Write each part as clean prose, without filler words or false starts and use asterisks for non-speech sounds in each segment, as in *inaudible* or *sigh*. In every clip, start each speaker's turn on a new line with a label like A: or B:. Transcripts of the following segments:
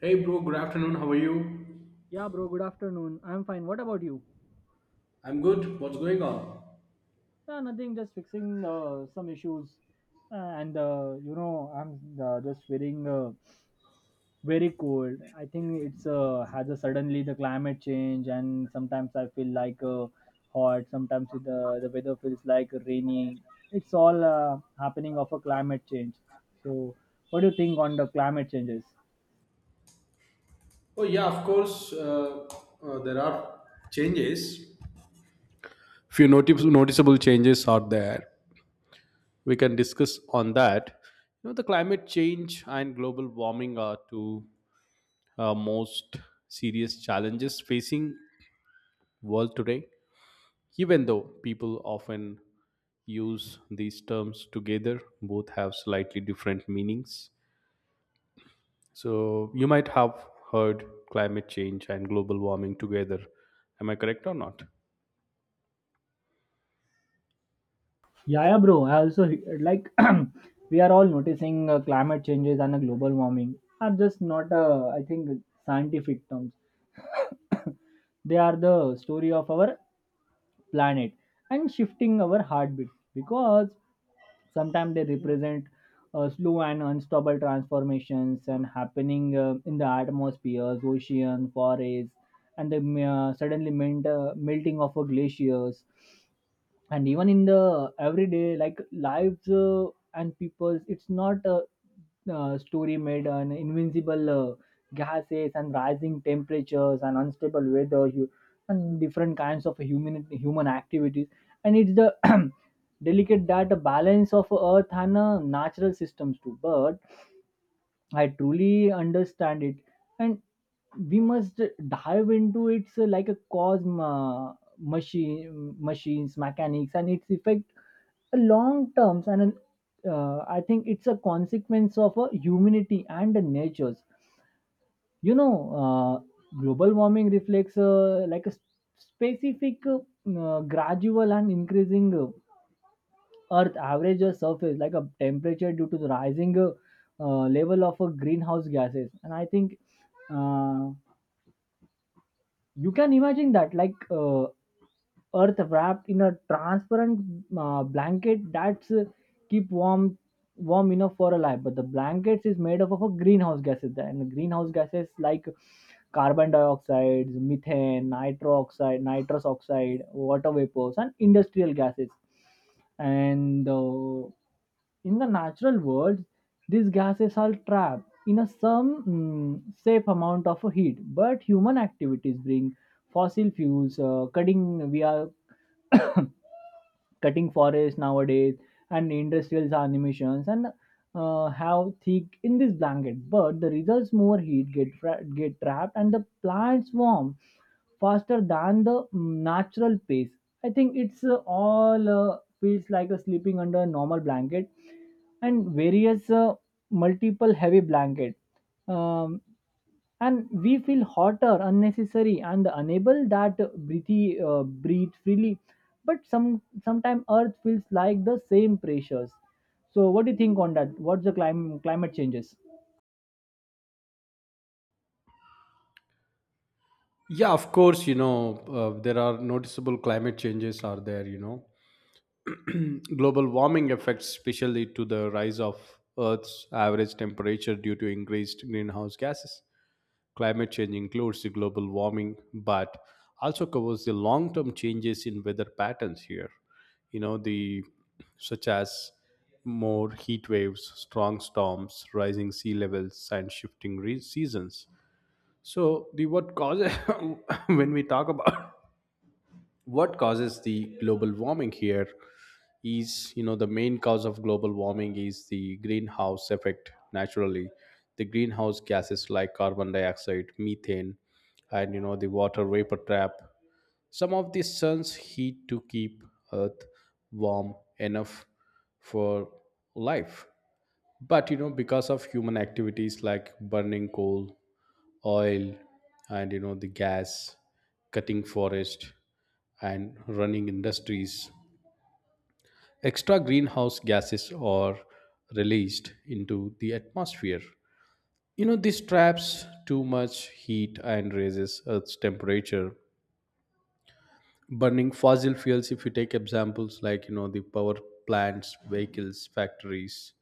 A: Hey bro, good afternoon. How are you?
B: Yeah, bro, good afternoon. I'm fine. What about you?
A: I'm good. What's going on?
B: Yeah, nothing, just fixing some issues. And, I'm just feeling very cold. I think it's has a suddenly the climate change, and sometimes I feel like hot, sometimes the weather feels like rainy. It's all happening of a climate change. So, what do you think on the climate changes?
A: Oh yeah, of course. There are changes. Noticeable changes are there. We can discuss on that. You know, the climate change and global warming are two most serious challenges facing world today. Even though people often use these terms together, both have slightly different meanings. So you might have heard climate change and global warming together. Am I correct or not?
B: Yeah, yeah, bro. I also like *clears throat* we are all noticing climate changes and global warming are just not, I think, scientific terms. *coughs* They are the story of our planet and shifting our heartbeat because sometimes they represent slow and unstoppable transformations and happening in the atmospheres, ocean, forests, and the suddenly melting of glaciers and even in the everyday like lives and people's it's not a story made on invincible gases and rising temperatures and unstable weather and different kinds of human activities and it's the *clears throat* delicate that balance of earth and natural systems too, but I truly understand it, and we must dive into it so like a machines, mechanics, and its effect a long terms. And I think it's a consequence of humanity and the natures. You know, global warming reflects like a specific, gradual and increasing. Earth average a surface like a temperature due to the rising level of greenhouse gases. And I think uh, you can imagine that, like earth wrapped in a transparent blanket that's keep warm enough for a life, but the blankets is made up of a greenhouse gases and the greenhouse gases like carbon dioxide, methane, nitro oxide, nitrous oxide, water vapors, and industrial gases, and in the natural world these gases are trapped in a some safe amount of heat, but human activities bring fossil fuels, we are cutting forests nowadays and industrial animations and have thick in this blanket, but the results more heat get trapped and the plants warm faster than the natural pace. I think it's all feels like a sleeping under a normal blanket and various multiple heavy blanket, um, and we feel hotter unnecessary and unable that breathe freely, but some sometime earth feels like the same pressures. So what do you think on that? What's the climate changes?
A: Yeah, of course. There are noticeable climate changes are there. You know, *clears throat* global warming affects especially to the rise of Earth's average temperature due to increased greenhouse gases. Climate change includes the global warming, but also covers the long-term changes in weather patterns here. You know, the such as more heat waves, strong storms, rising sea levels, and seasons. So, the what causes *laughs* when we talk about what causes the global warming here is, you know, the main cause of global warming is the greenhouse effect. Naturally, the greenhouse gases like carbon dioxide, methane, and, you know, the water vapor trap some of the sun's heat to keep earth warm enough for life. But you know, because of human activities like burning coal, oil, and you know the gas, cutting forest, and running industries, extra greenhouse gases are released into the atmosphere. You know, this traps too much heat and raises earth's temperature. Burning fossil fuels, if you take examples like, you know, the power plants, vehicles, factories,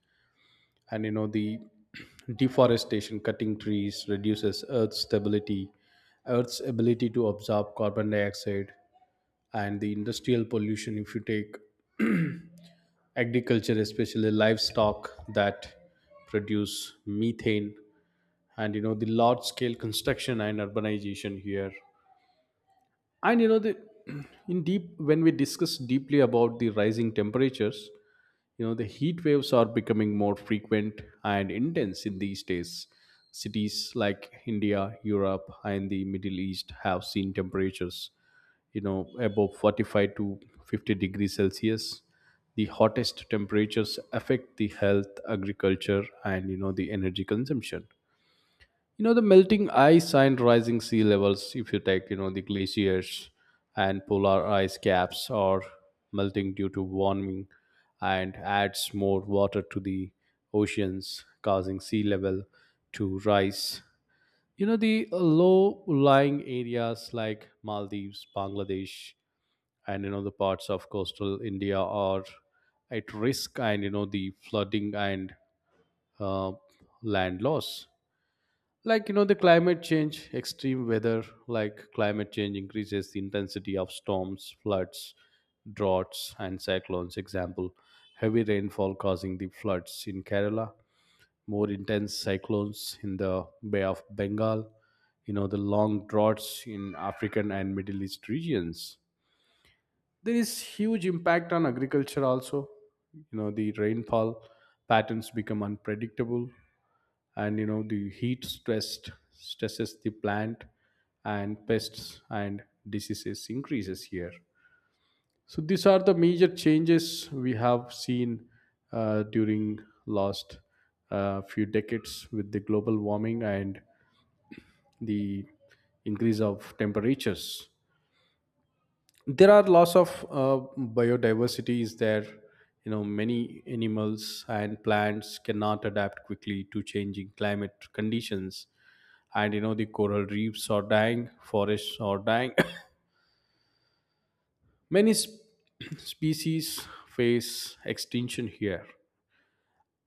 A: and you know the *clears throat* deforestation, cutting trees reduces earth's ability to absorb carbon dioxide, and the industrial pollution, if you take agriculture, especially livestock that produce methane, and you know the large scale construction and urbanization here. And you know the *clears throat* in deep, when we discuss deeply about the rising temperatures, you know the heat waves are becoming more frequent and intense in these days. Cities like India, Europe, and the Middle East have seen temperatures, you know, above 45 to 50 degrees celsius. The hottest temperatures affect the health, agriculture, and you know the energy consumption. You know, the melting ice and rising sea levels, if you take, you know, the glaciers and polar ice caps are melting due to warming, and adds more water to the oceans, causing sea level to rise. You know, the low lying areas like Maldives, Bangladesh, and, you know, the parts of coastal India are at risk, and, you know, the flooding and uh, land loss, like, you know, the climate change extreme weather, like climate change increases the intensity of storms, floods, droughts, and cyclones. Example: heavy rainfall causing the floods in Kerala, more intense cyclones in the Bay of Bengal, you know the long droughts in African and Middle East regions. There is huge impact on agriculture also. You know, the rainfall patterns become unpredictable, and you know the heat stress stresses the plant, and pests and diseases increases here. So these are the major changes we have seen during last few decades with the global warming and the increase of temperatures. There are lots of biodiversity is there. You know, many animals and plants cannot adapt quickly to changing climate conditions, and you know the coral reefs are dying, forests are dying. *coughs* many sp- *coughs* species face extinction here.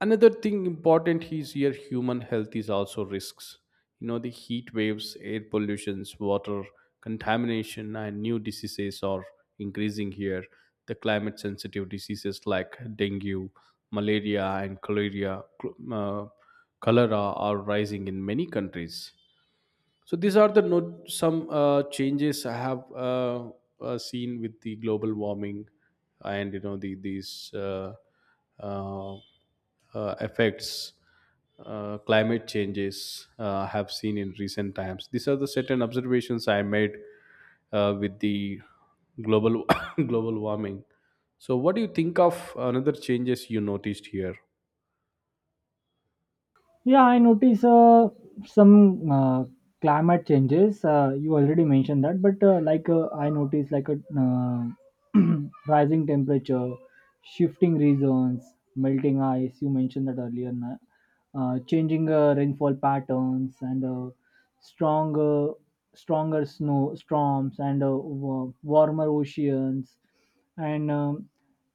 A: Another thing important is here, human health is also risks. You know the heat waves, air pollutions, water contamination, and new diseases are increasing here. The climate sensitive diseases like dengue, malaria, and cholera are rising in many countries. So these are the some changes I have seen with the global warming. And you know the these uh, effects, climate changes I have seen in recent times. These are the certain observations I made with the global *coughs* global warming. So what do you think of another changes you noticed here?
B: Yeah, I notice some climate changes. You already mentioned that, but like I notice like a *clears throat* rising temperature, shifting regions, melting ice. You mentioned that earlier. Changing rainfall patterns and stronger, stronger snow storms and warmer oceans, and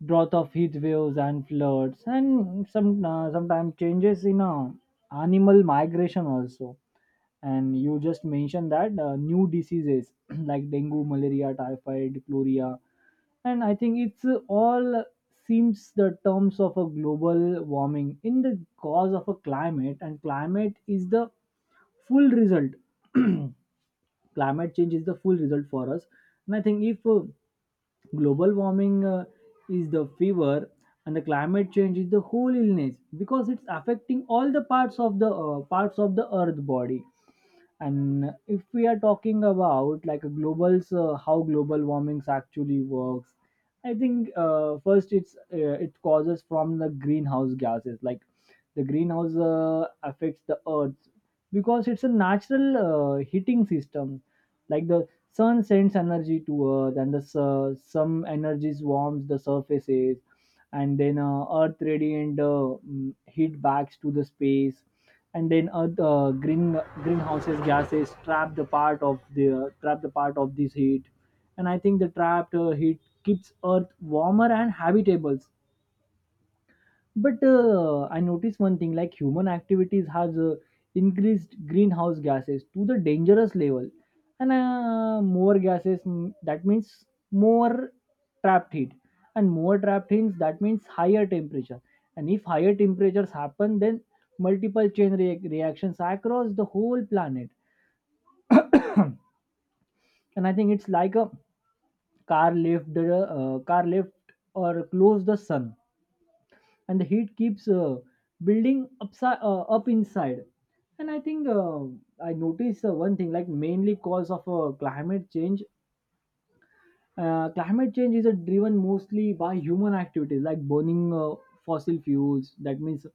B: drought of heat waves and floods, and sometimes changes in. Animal migration also, and you just mentioned that new diseases *clears throat* like dengue, malaria, typhoid, chloria. And I think it's all seems the terms of a global warming in the cause of a climate, and climate is the full result. *clears throat* Climate change is the full result for us, and I think if global warming is the fever and the climate change is the whole illness because it's affecting all the parts of the earth body. And if we are talking about like a global how global warmings actually works, I think first it causes from the greenhouse gases like the greenhouse affects the earth because it's a natural heating system, like the sun sends energy to earth and the some energies warms the surfaces, and then earth radiant heat backs to the space, and then earth greenhouses gases trap the part of this heat, and I think the trapped heat keeps earth warmer and habitable. But I noticed one thing like human activities has increased greenhouse gases to the dangerous level, and more gases that means more trapped heat, and more trapped heat that means higher temperature, and if higher temperatures happen, then multiple chain reactions across the whole planet. And I think it's like a car left or close the sun, and the heat keeps building upside up inside. And I think i noticed one thing like mainly cause of climate change is driven mostly by human activities like burning fossil fuels, that means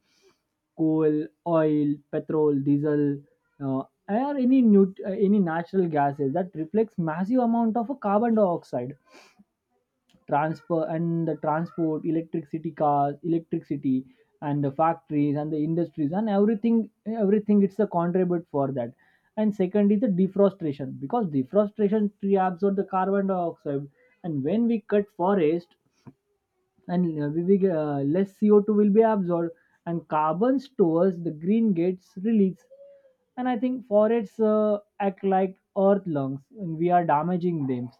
B: coal, oil, petrol, diesel, uh, or any natural gases that reflects massive amount of carbon dioxide transfer, and the transport electricity cars electricity and the factories and the industries and everything it's a contribute for that. And second is the defrustration because defrustration tree absorb the carbon dioxide, and when we cut forest and less CO2 will be absorbed and carbon stores the green gates release. And I think forests act like earth lungs and we are damaging them.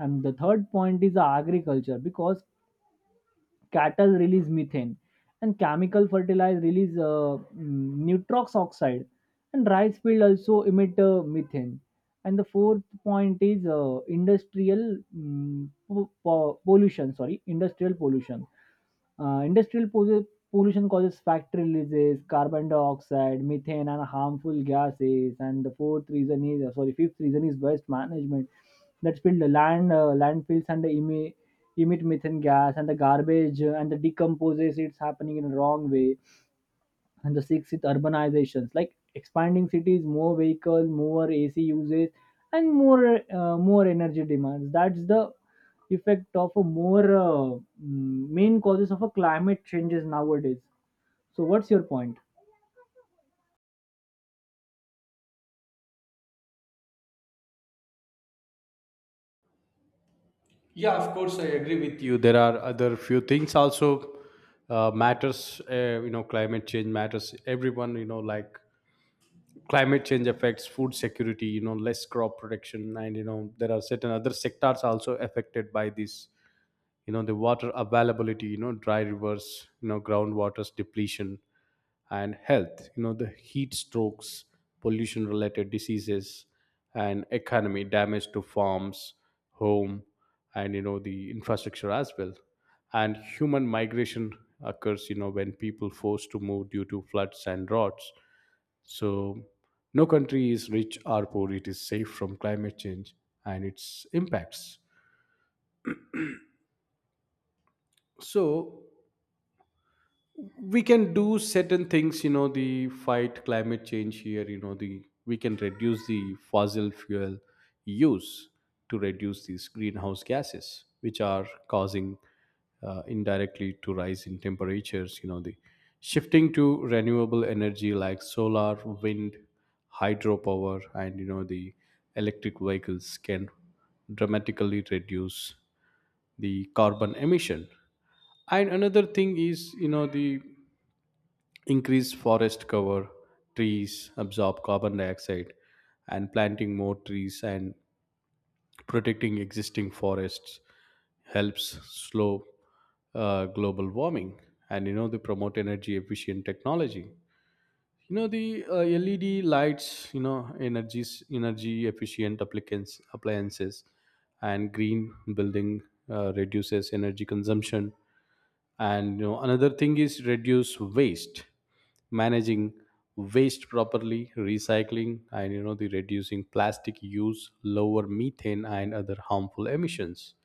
B: And the third point is agriculture because cattle release methane and chemical fertilizer release nitrox oxide, and rice field also emit methane. And the fourth point is industrial mm, po- po- pollution sorry industrial pollution. Industrial pollution causes factory releases carbon dioxide, methane, and harmful gases. And the fourth reason is sorry fifth reason is waste management. That's built the landfills and the emit methane gas, and the garbage and the decomposes it's happening in a wrong way. And the sixth is urbanizations like expanding cities, more vehicles, more ac usage, and more energy demands. That's the effect of a main causes of a climate changes nowadays. So what's your point?
A: Yeah, of course, I agree with you. There are other few things also matters. You know, climate change matters everyone, you know, like climate change affects food security. You know, less crop production, and you know there are certain other sectors also affected by this. You know the water availability, you know dry rivers, you know groundwater's depletion, and health, you know the heat strokes, pollution related diseases, and economy damage to farms, home, and you know the infrastructure as well. And human migration occurs, you know, when people forced to move due to floods and droughts. So no country is rich or poor, it is safe from climate change and its impacts. So we can do certain things, you know the fight climate change here. You know the we can reduce the fossil fuel use to reduce these greenhouse gases, which are causing indirectly to rise in temperatures. You know the shifting to renewable energy like solar, wind, hydropower, and you know the electric vehicles can dramatically reduce the carbon emission. And another thing is, you know, the increased forest cover, trees absorb carbon dioxide, and planting more trees and protecting existing forests helps slow global warming. And you know they promote energy efficient technology, you know the LED lights, you know energy efficient applicants appliances, and green building reduces energy consumption. And you know another thing is reduce waste, managing waste properly, recycling, and you know the reducing plastic use lower methane and other harmful emissions.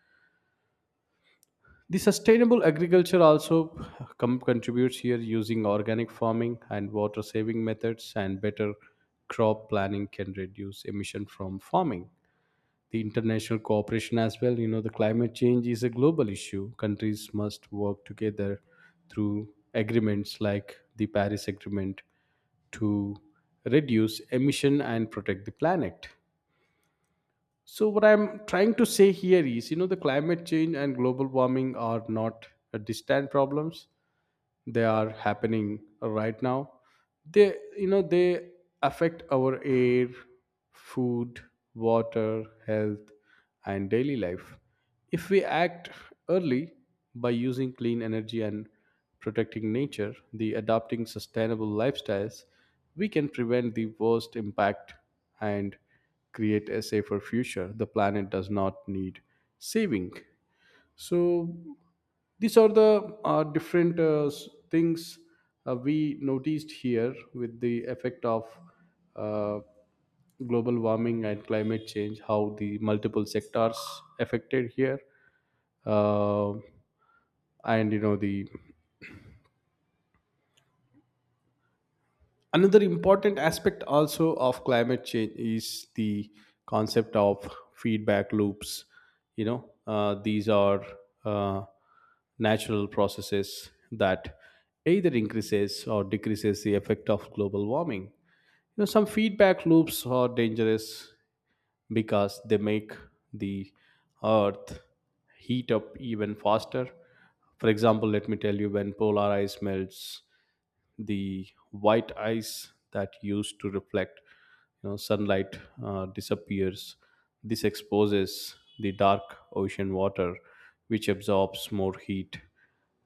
A: The sustainable agriculture also contributes here, using organic farming and water saving methods and better crop planning can reduce emission from farming. The international cooperation as well. You know, the climate change is a global issue. Countries must work together through agreements like the Paris Agreement to reduce emission and protect the planet. So what I'm trying to say here is, you know, the climate change and global warming are not distant problems. They are happening right now. They, you know, they affect our air, food, water, health, and daily life. If we act early by using clean energy and protecting nature, the adopting sustainable lifestyles, we can prevent the worst impact and create a safer future. The planet does not need saving. So these are the different things we noticed here with the effect of uh, global warming and climate change, how the multiple sectors affected here. Uh, and you know the another important aspect also of climate change is the concept of feedback loops. You know, these are uh, natural processes that either increases or decreases the effect of global warming. You know, some feedback loops are dangerous because they make the earth heat up even faster. For example, let me tell you, when polar ice melts, the white ice that used to reflect, you know, sunlight disappears. This exposes the dark ocean water, which absorbs more heat.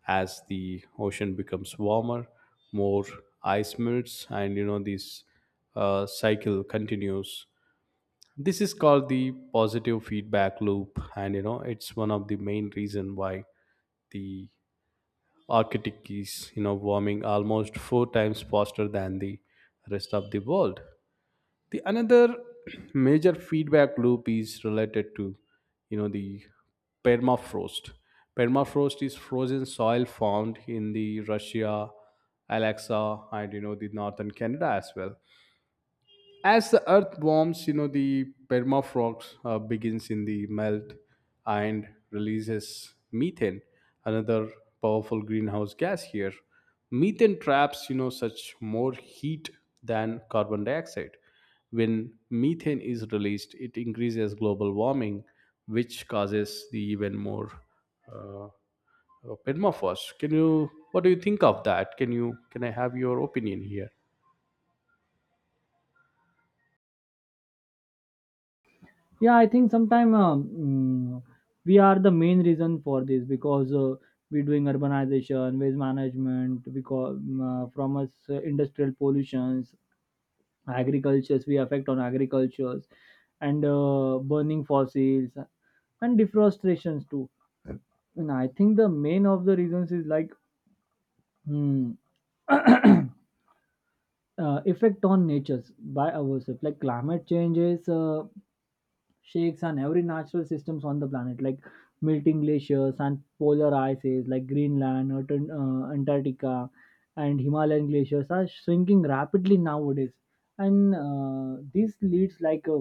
A: As the ocean becomes warmer, more ice melts, and you know this cycle continues. This is called the positive feedback loop, and you know it's one of the main reason why the Arctic is, you know, warming almost four times faster than the rest of the world. The another *clears throat* major feedback loop is related to, you know, the permafrost. Permafrost is frozen soil found in the Russia, Alaska, and you know the northern Canada as well. As the earth warms, you know the permafrost begins in the melt and releases methane, another powerful greenhouse gas here. Methane traps, you know, such more heat than carbon dioxide. When methane is released, it increases global warming, which causes the even more uh, uh, permafrost. Can you, what do you think of that? Can you, can I have your opinion here?
B: Yeah, I think sometime mm, we are the main reason for this because we're doing urbanization, waste management, because from us industrial pollutions, agricultures, we affect on agricultures, and burning fossils and deforestations too. And I think the main of the reasons is like hmm, effect on natures by ourselves, like climate changes shakes on every natural systems on the planet, like melting glaciers and polar ices like greenland, antarctica, and himalayan glaciers are shrinking rapidly nowadays, and this leads like a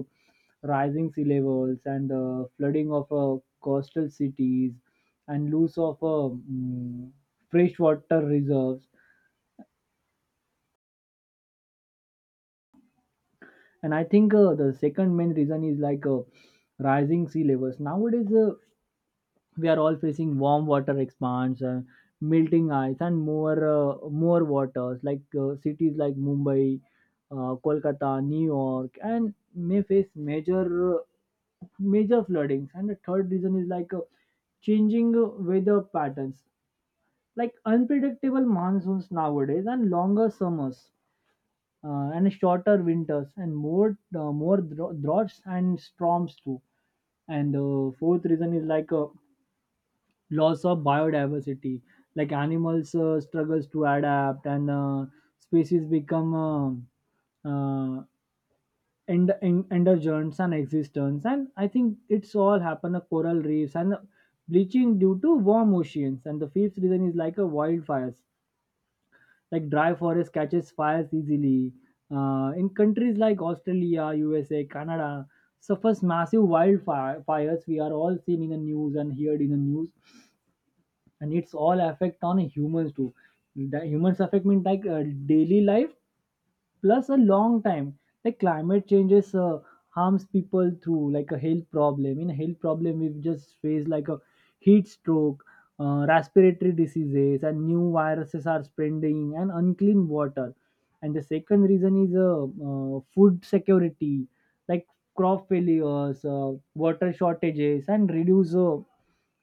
B: rising sea levels and flooding of coastal cities and loss of freshwater reserves. And I think the second main reason is like rising sea levels nowadays. We are all facing warm water expansion, melting ice, and more waters, like cities like mumbai, kolkata, new york, and may face uh, major floodings. And the third reason is like changing weather patterns like unpredictable monsoons nowadays and longer summers and shorter winters and more droughts and storms too. And the fourth reason is like loss of biodiversity, like animals struggles to adapt, and species become uh, endangered and existence. And I think it's all happen coral reefs and bleaching due to warm oceans. And the fifth reason is like a wildfires, like dry forest catches fires easily. In countries like Australia, USA, Canada, suffers massive wildfires. We are all seen in the news and heard in the news, and it's all affect on humans too. The humans affect mean like daily life plus a long time, like climate changes harms people through like a health problem. In a health problem we've just faced like a heat stroke, respiratory diseases, and new viruses are spreading, and unclean water. And the second reason is food security, like crop failures, water shortages, and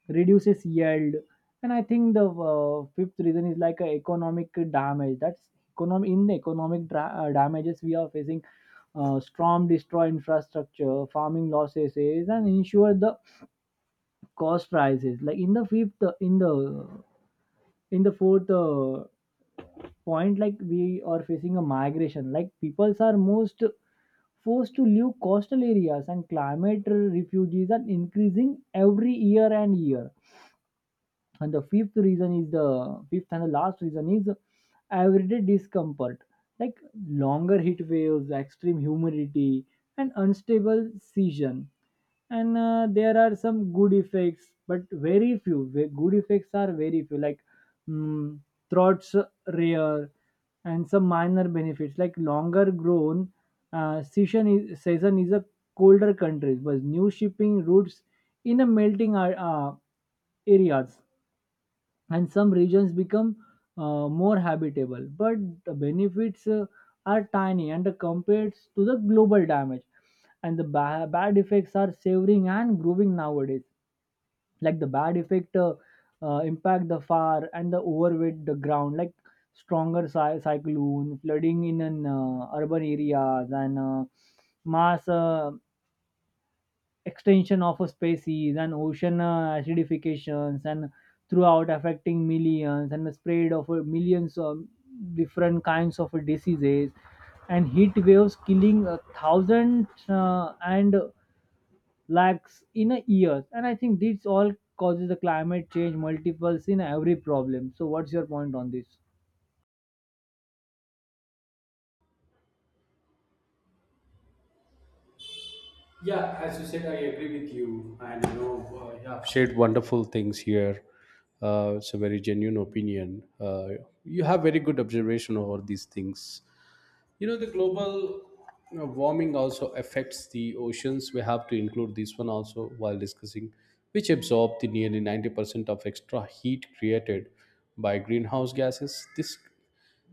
B: reduces yield. And I think the fifth reason is like a economic damage. In the damages, we are facing storm destroy infrastructure, farming losses, is and ensure the cost prices. Like in the fifth, in the fourth point, like we are facing a migration. Like peoples are most forced to leave coastal areas, and climate refugees are increasing every year and year. And the fifth reason is the fifth and the last reason is everyday discomfort, like longer heat waves, extreme humidity, and unstable season. And there are some good effects, but very few. Good effects are very few, like mm, throats rare, and some minor benefits, like longer grown season is a colder countries, but new shipping routes in a melting areas, and some regions become more habitable. But the benefits are tiny and compared to the global damage, and the bad effects are severing and growing nowadays. Like the bad effect impact the far and the overweight the ground, like stronger cyclone, flooding in an urban areas, and mass extension of a species, and ocean acidifications, and throughout affecting millions, and the spread of millions of different kinds of diseases, and heat waves killing a thousand and lakhs in a year. And I think this all causes the climate change multiples in every problem. So what's your point on this?
A: Yeah, as you said, I agree with you, and you know, you have shared wonderful things here. It's a very genuine opinion. You have very good observation over these things. You know, the global, you know, warming also affects the oceans. We have to include this one also while discussing, which absorb the nearly 90% of extra heat created by greenhouse gases. This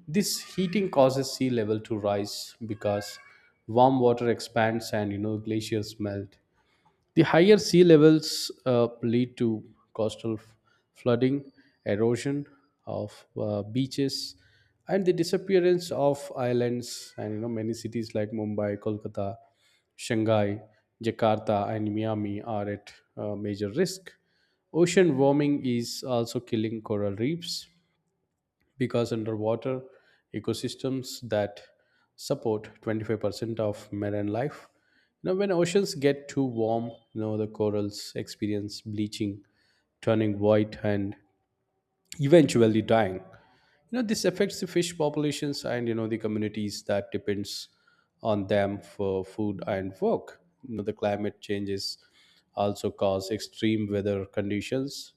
A: this heating causes sea level to rise because warm water expands and you know glaciers melt. The higher sea levels lead to coastal f- flooding, erosion of beaches, and the disappearance of islands. And you know, many cities like Mumbai, Kolkata, Shanghai, Jakarta, and Miami are at major risk. Ocean warming is also killing coral reefs, because underwater ecosystems that support 25% of marine life. You know, when oceans get too warm, you know the corals experience bleaching, turning white and eventually dying. You know this affects the fish populations and you know the communities that depends on them for food and work. You know the climate changes also cause extreme weather conditions,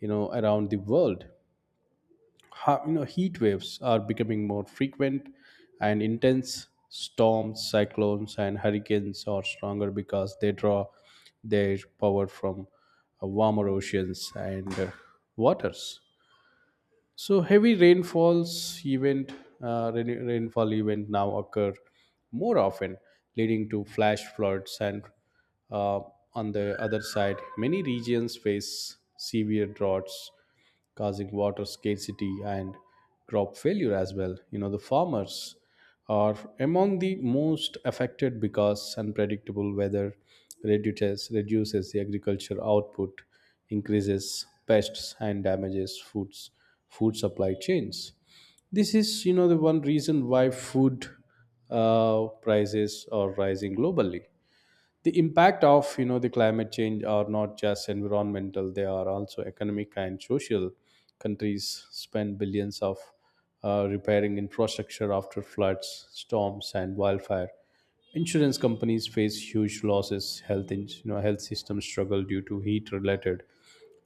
A: you know, around the world. You know, heat waves are becoming more frequent and intense. Storms, cyclones, and hurricanes are stronger because they draw their power from warmer oceans and waters. So heavy rainfalls event, rainfall event now occur more often, leading to flash floods. And uh, on the other side, many regions face severe droughts causing water scarcity and crop failure as well. You know, the farmers are among the most affected because unpredictable weather reduces the agriculture output, increases pests, and damages food supply chains. This is, you know, the one reason why food prices are rising globally. The impact of, you know, the climate change are not just environmental, they are also economic and social. Countries spend billions of repairing infrastructure after floods, storms, and wildfire. Insurance companies face huge losses. Health you know, health systems struggle due to heat related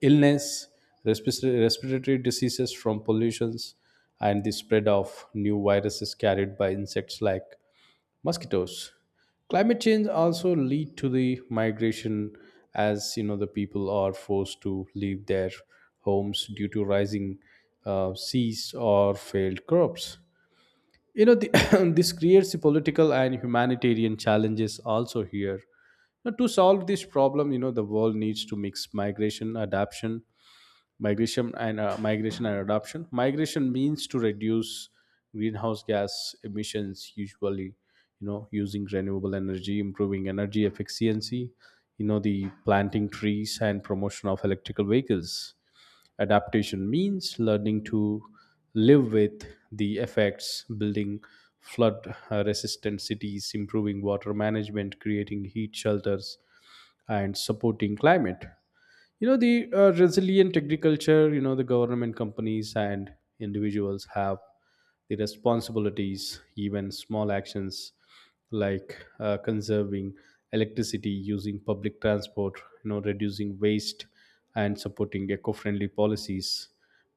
A: illness, respiratory diseases from pollutions, and the spread of new viruses carried by insects like mosquitoes. Climate change also lead to the migration, as you know the people are forced to leave their homes due to rising seas or failed crops. you know the, *coughs* *clears throat* this creates the political and humanitarian challenges also here. Now, to solve this problem, you know, the world needs to mix migration adaptation, migration and adoption. Migration means to reduce greenhouse gas emissions, usually, you know, using renewable energy, improving energy efficiency, you know, the planting trees and promotion of electrical vehicles. Adaptation means learning to live with the effects, building flood resistant cities, improving water management, creating heat shelters, and supporting climate, you know, the resilient agriculture. You know, the government, companies, and individuals have the responsibilities. Even small actions like conserving electricity, using public transport, you know, reducing waste, and supporting eco-friendly policies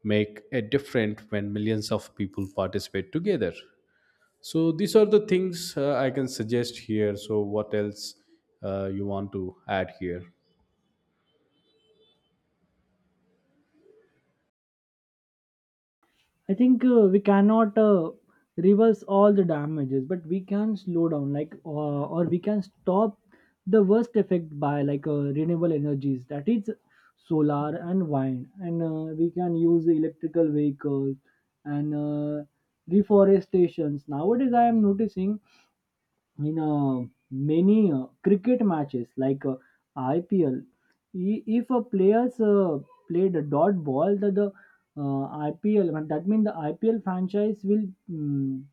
A: make a difference when millions of people participate together. So these are the things I can suggest here. So what else you want to add here?
B: I think we cannot reverse all the damages, but we can slow down, or we can stop the worst effect by like renewable energies, that is solar and wind, and we can use electrical vehicles and reforestations. Nowadays, I am noticing in many cricket matches like IPL, if a players played a dot ball, the IPL, and that means the IPL franchise will mm,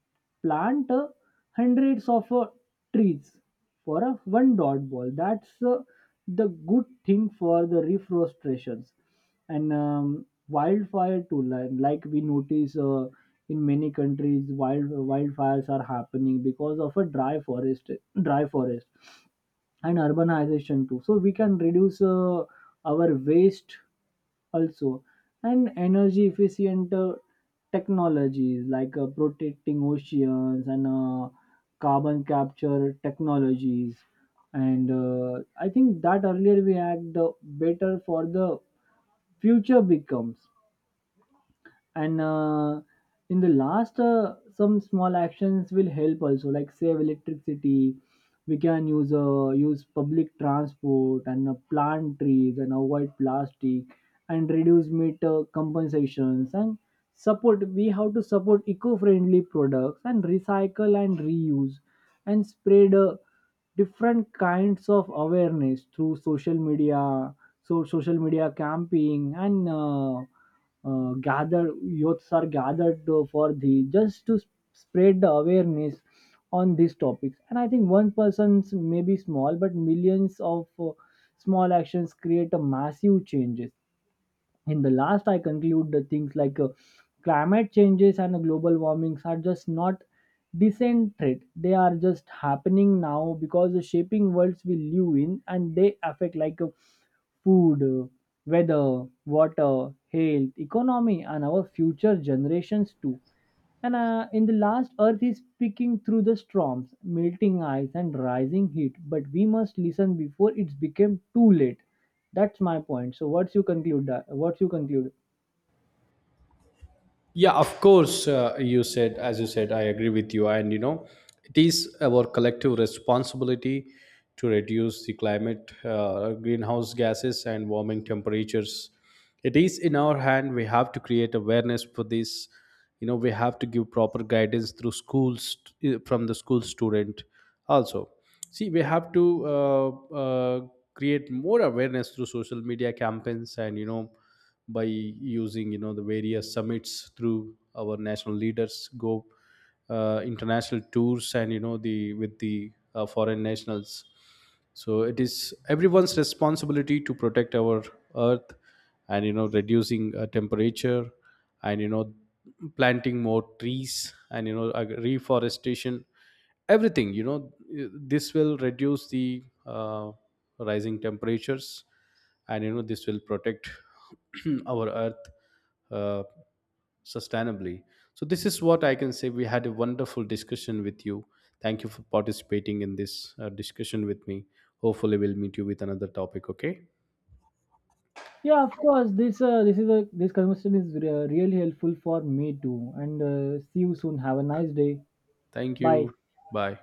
B: plant hundreds of trees for a one dot ball. That's the good thing for the reforestations and wildfire too. Like we notice. In many countries wildfires are happening because of a dry forest. Dry forest and urbanization too, so we can reduce our waste also, and energy efficient technologies like protecting oceans and carbon capture technologies. And I think that earlier we had the better for the future becomes. And in the last some small actions will help also, like save electricity, we can use public transport, and plant trees, and avoid plastic, and reduce meat compensations, and support, we have to support eco-friendly products, and recycle and reuse, and spread different kinds of awareness through social media. So social media camping and gather youths are gathered for the just to spread the awareness on these topics. And I think one person's may be small, but millions of small actions create a massive changes. In the last I conclude the things like climate changes and global warmings are just not decent threat, they are just happening now because the shaping worlds we live in, and they affect like food, weather, water, health, economy, and our future generations too. And in the last earth is speaking through the storms, melting ice, and rising heat, but we must listen before it became too late. That's my point. So what's you conclude that? What's you conclude?
A: Yeah, of course. As you said, I agree with you. And you know, it is our collective responsibility to reduce the climate, greenhouse gases, and warming temperatures. It is in our hand. We have to create awareness for this. You know, we have to give proper guidance through schools, from the school student also. See, we have to uh, create more awareness through social media campaigns and, you know, by using, you know, the various summits through our national leaders, go international tours and, you know, the with the foreign nationals. So it is everyone's responsibility to protect our earth, and, you know, reducing temperature, and, you know, planting more trees, and, you know, reforestation, everything, you know. This will reduce the rising temperatures, and, you know, this will protect *clears throat* our earth uh, sustainably. So this is what I can say. We had a wonderful discussion with you. Thank you for participating in this discussion with me. Hopefully we'll meet you with another topic, okay?
B: Yeah, of course. This this is a this conversation is really helpful for me too. And see you soon. Have a nice day.
A: Thank
B: Bye.
A: you. Bye.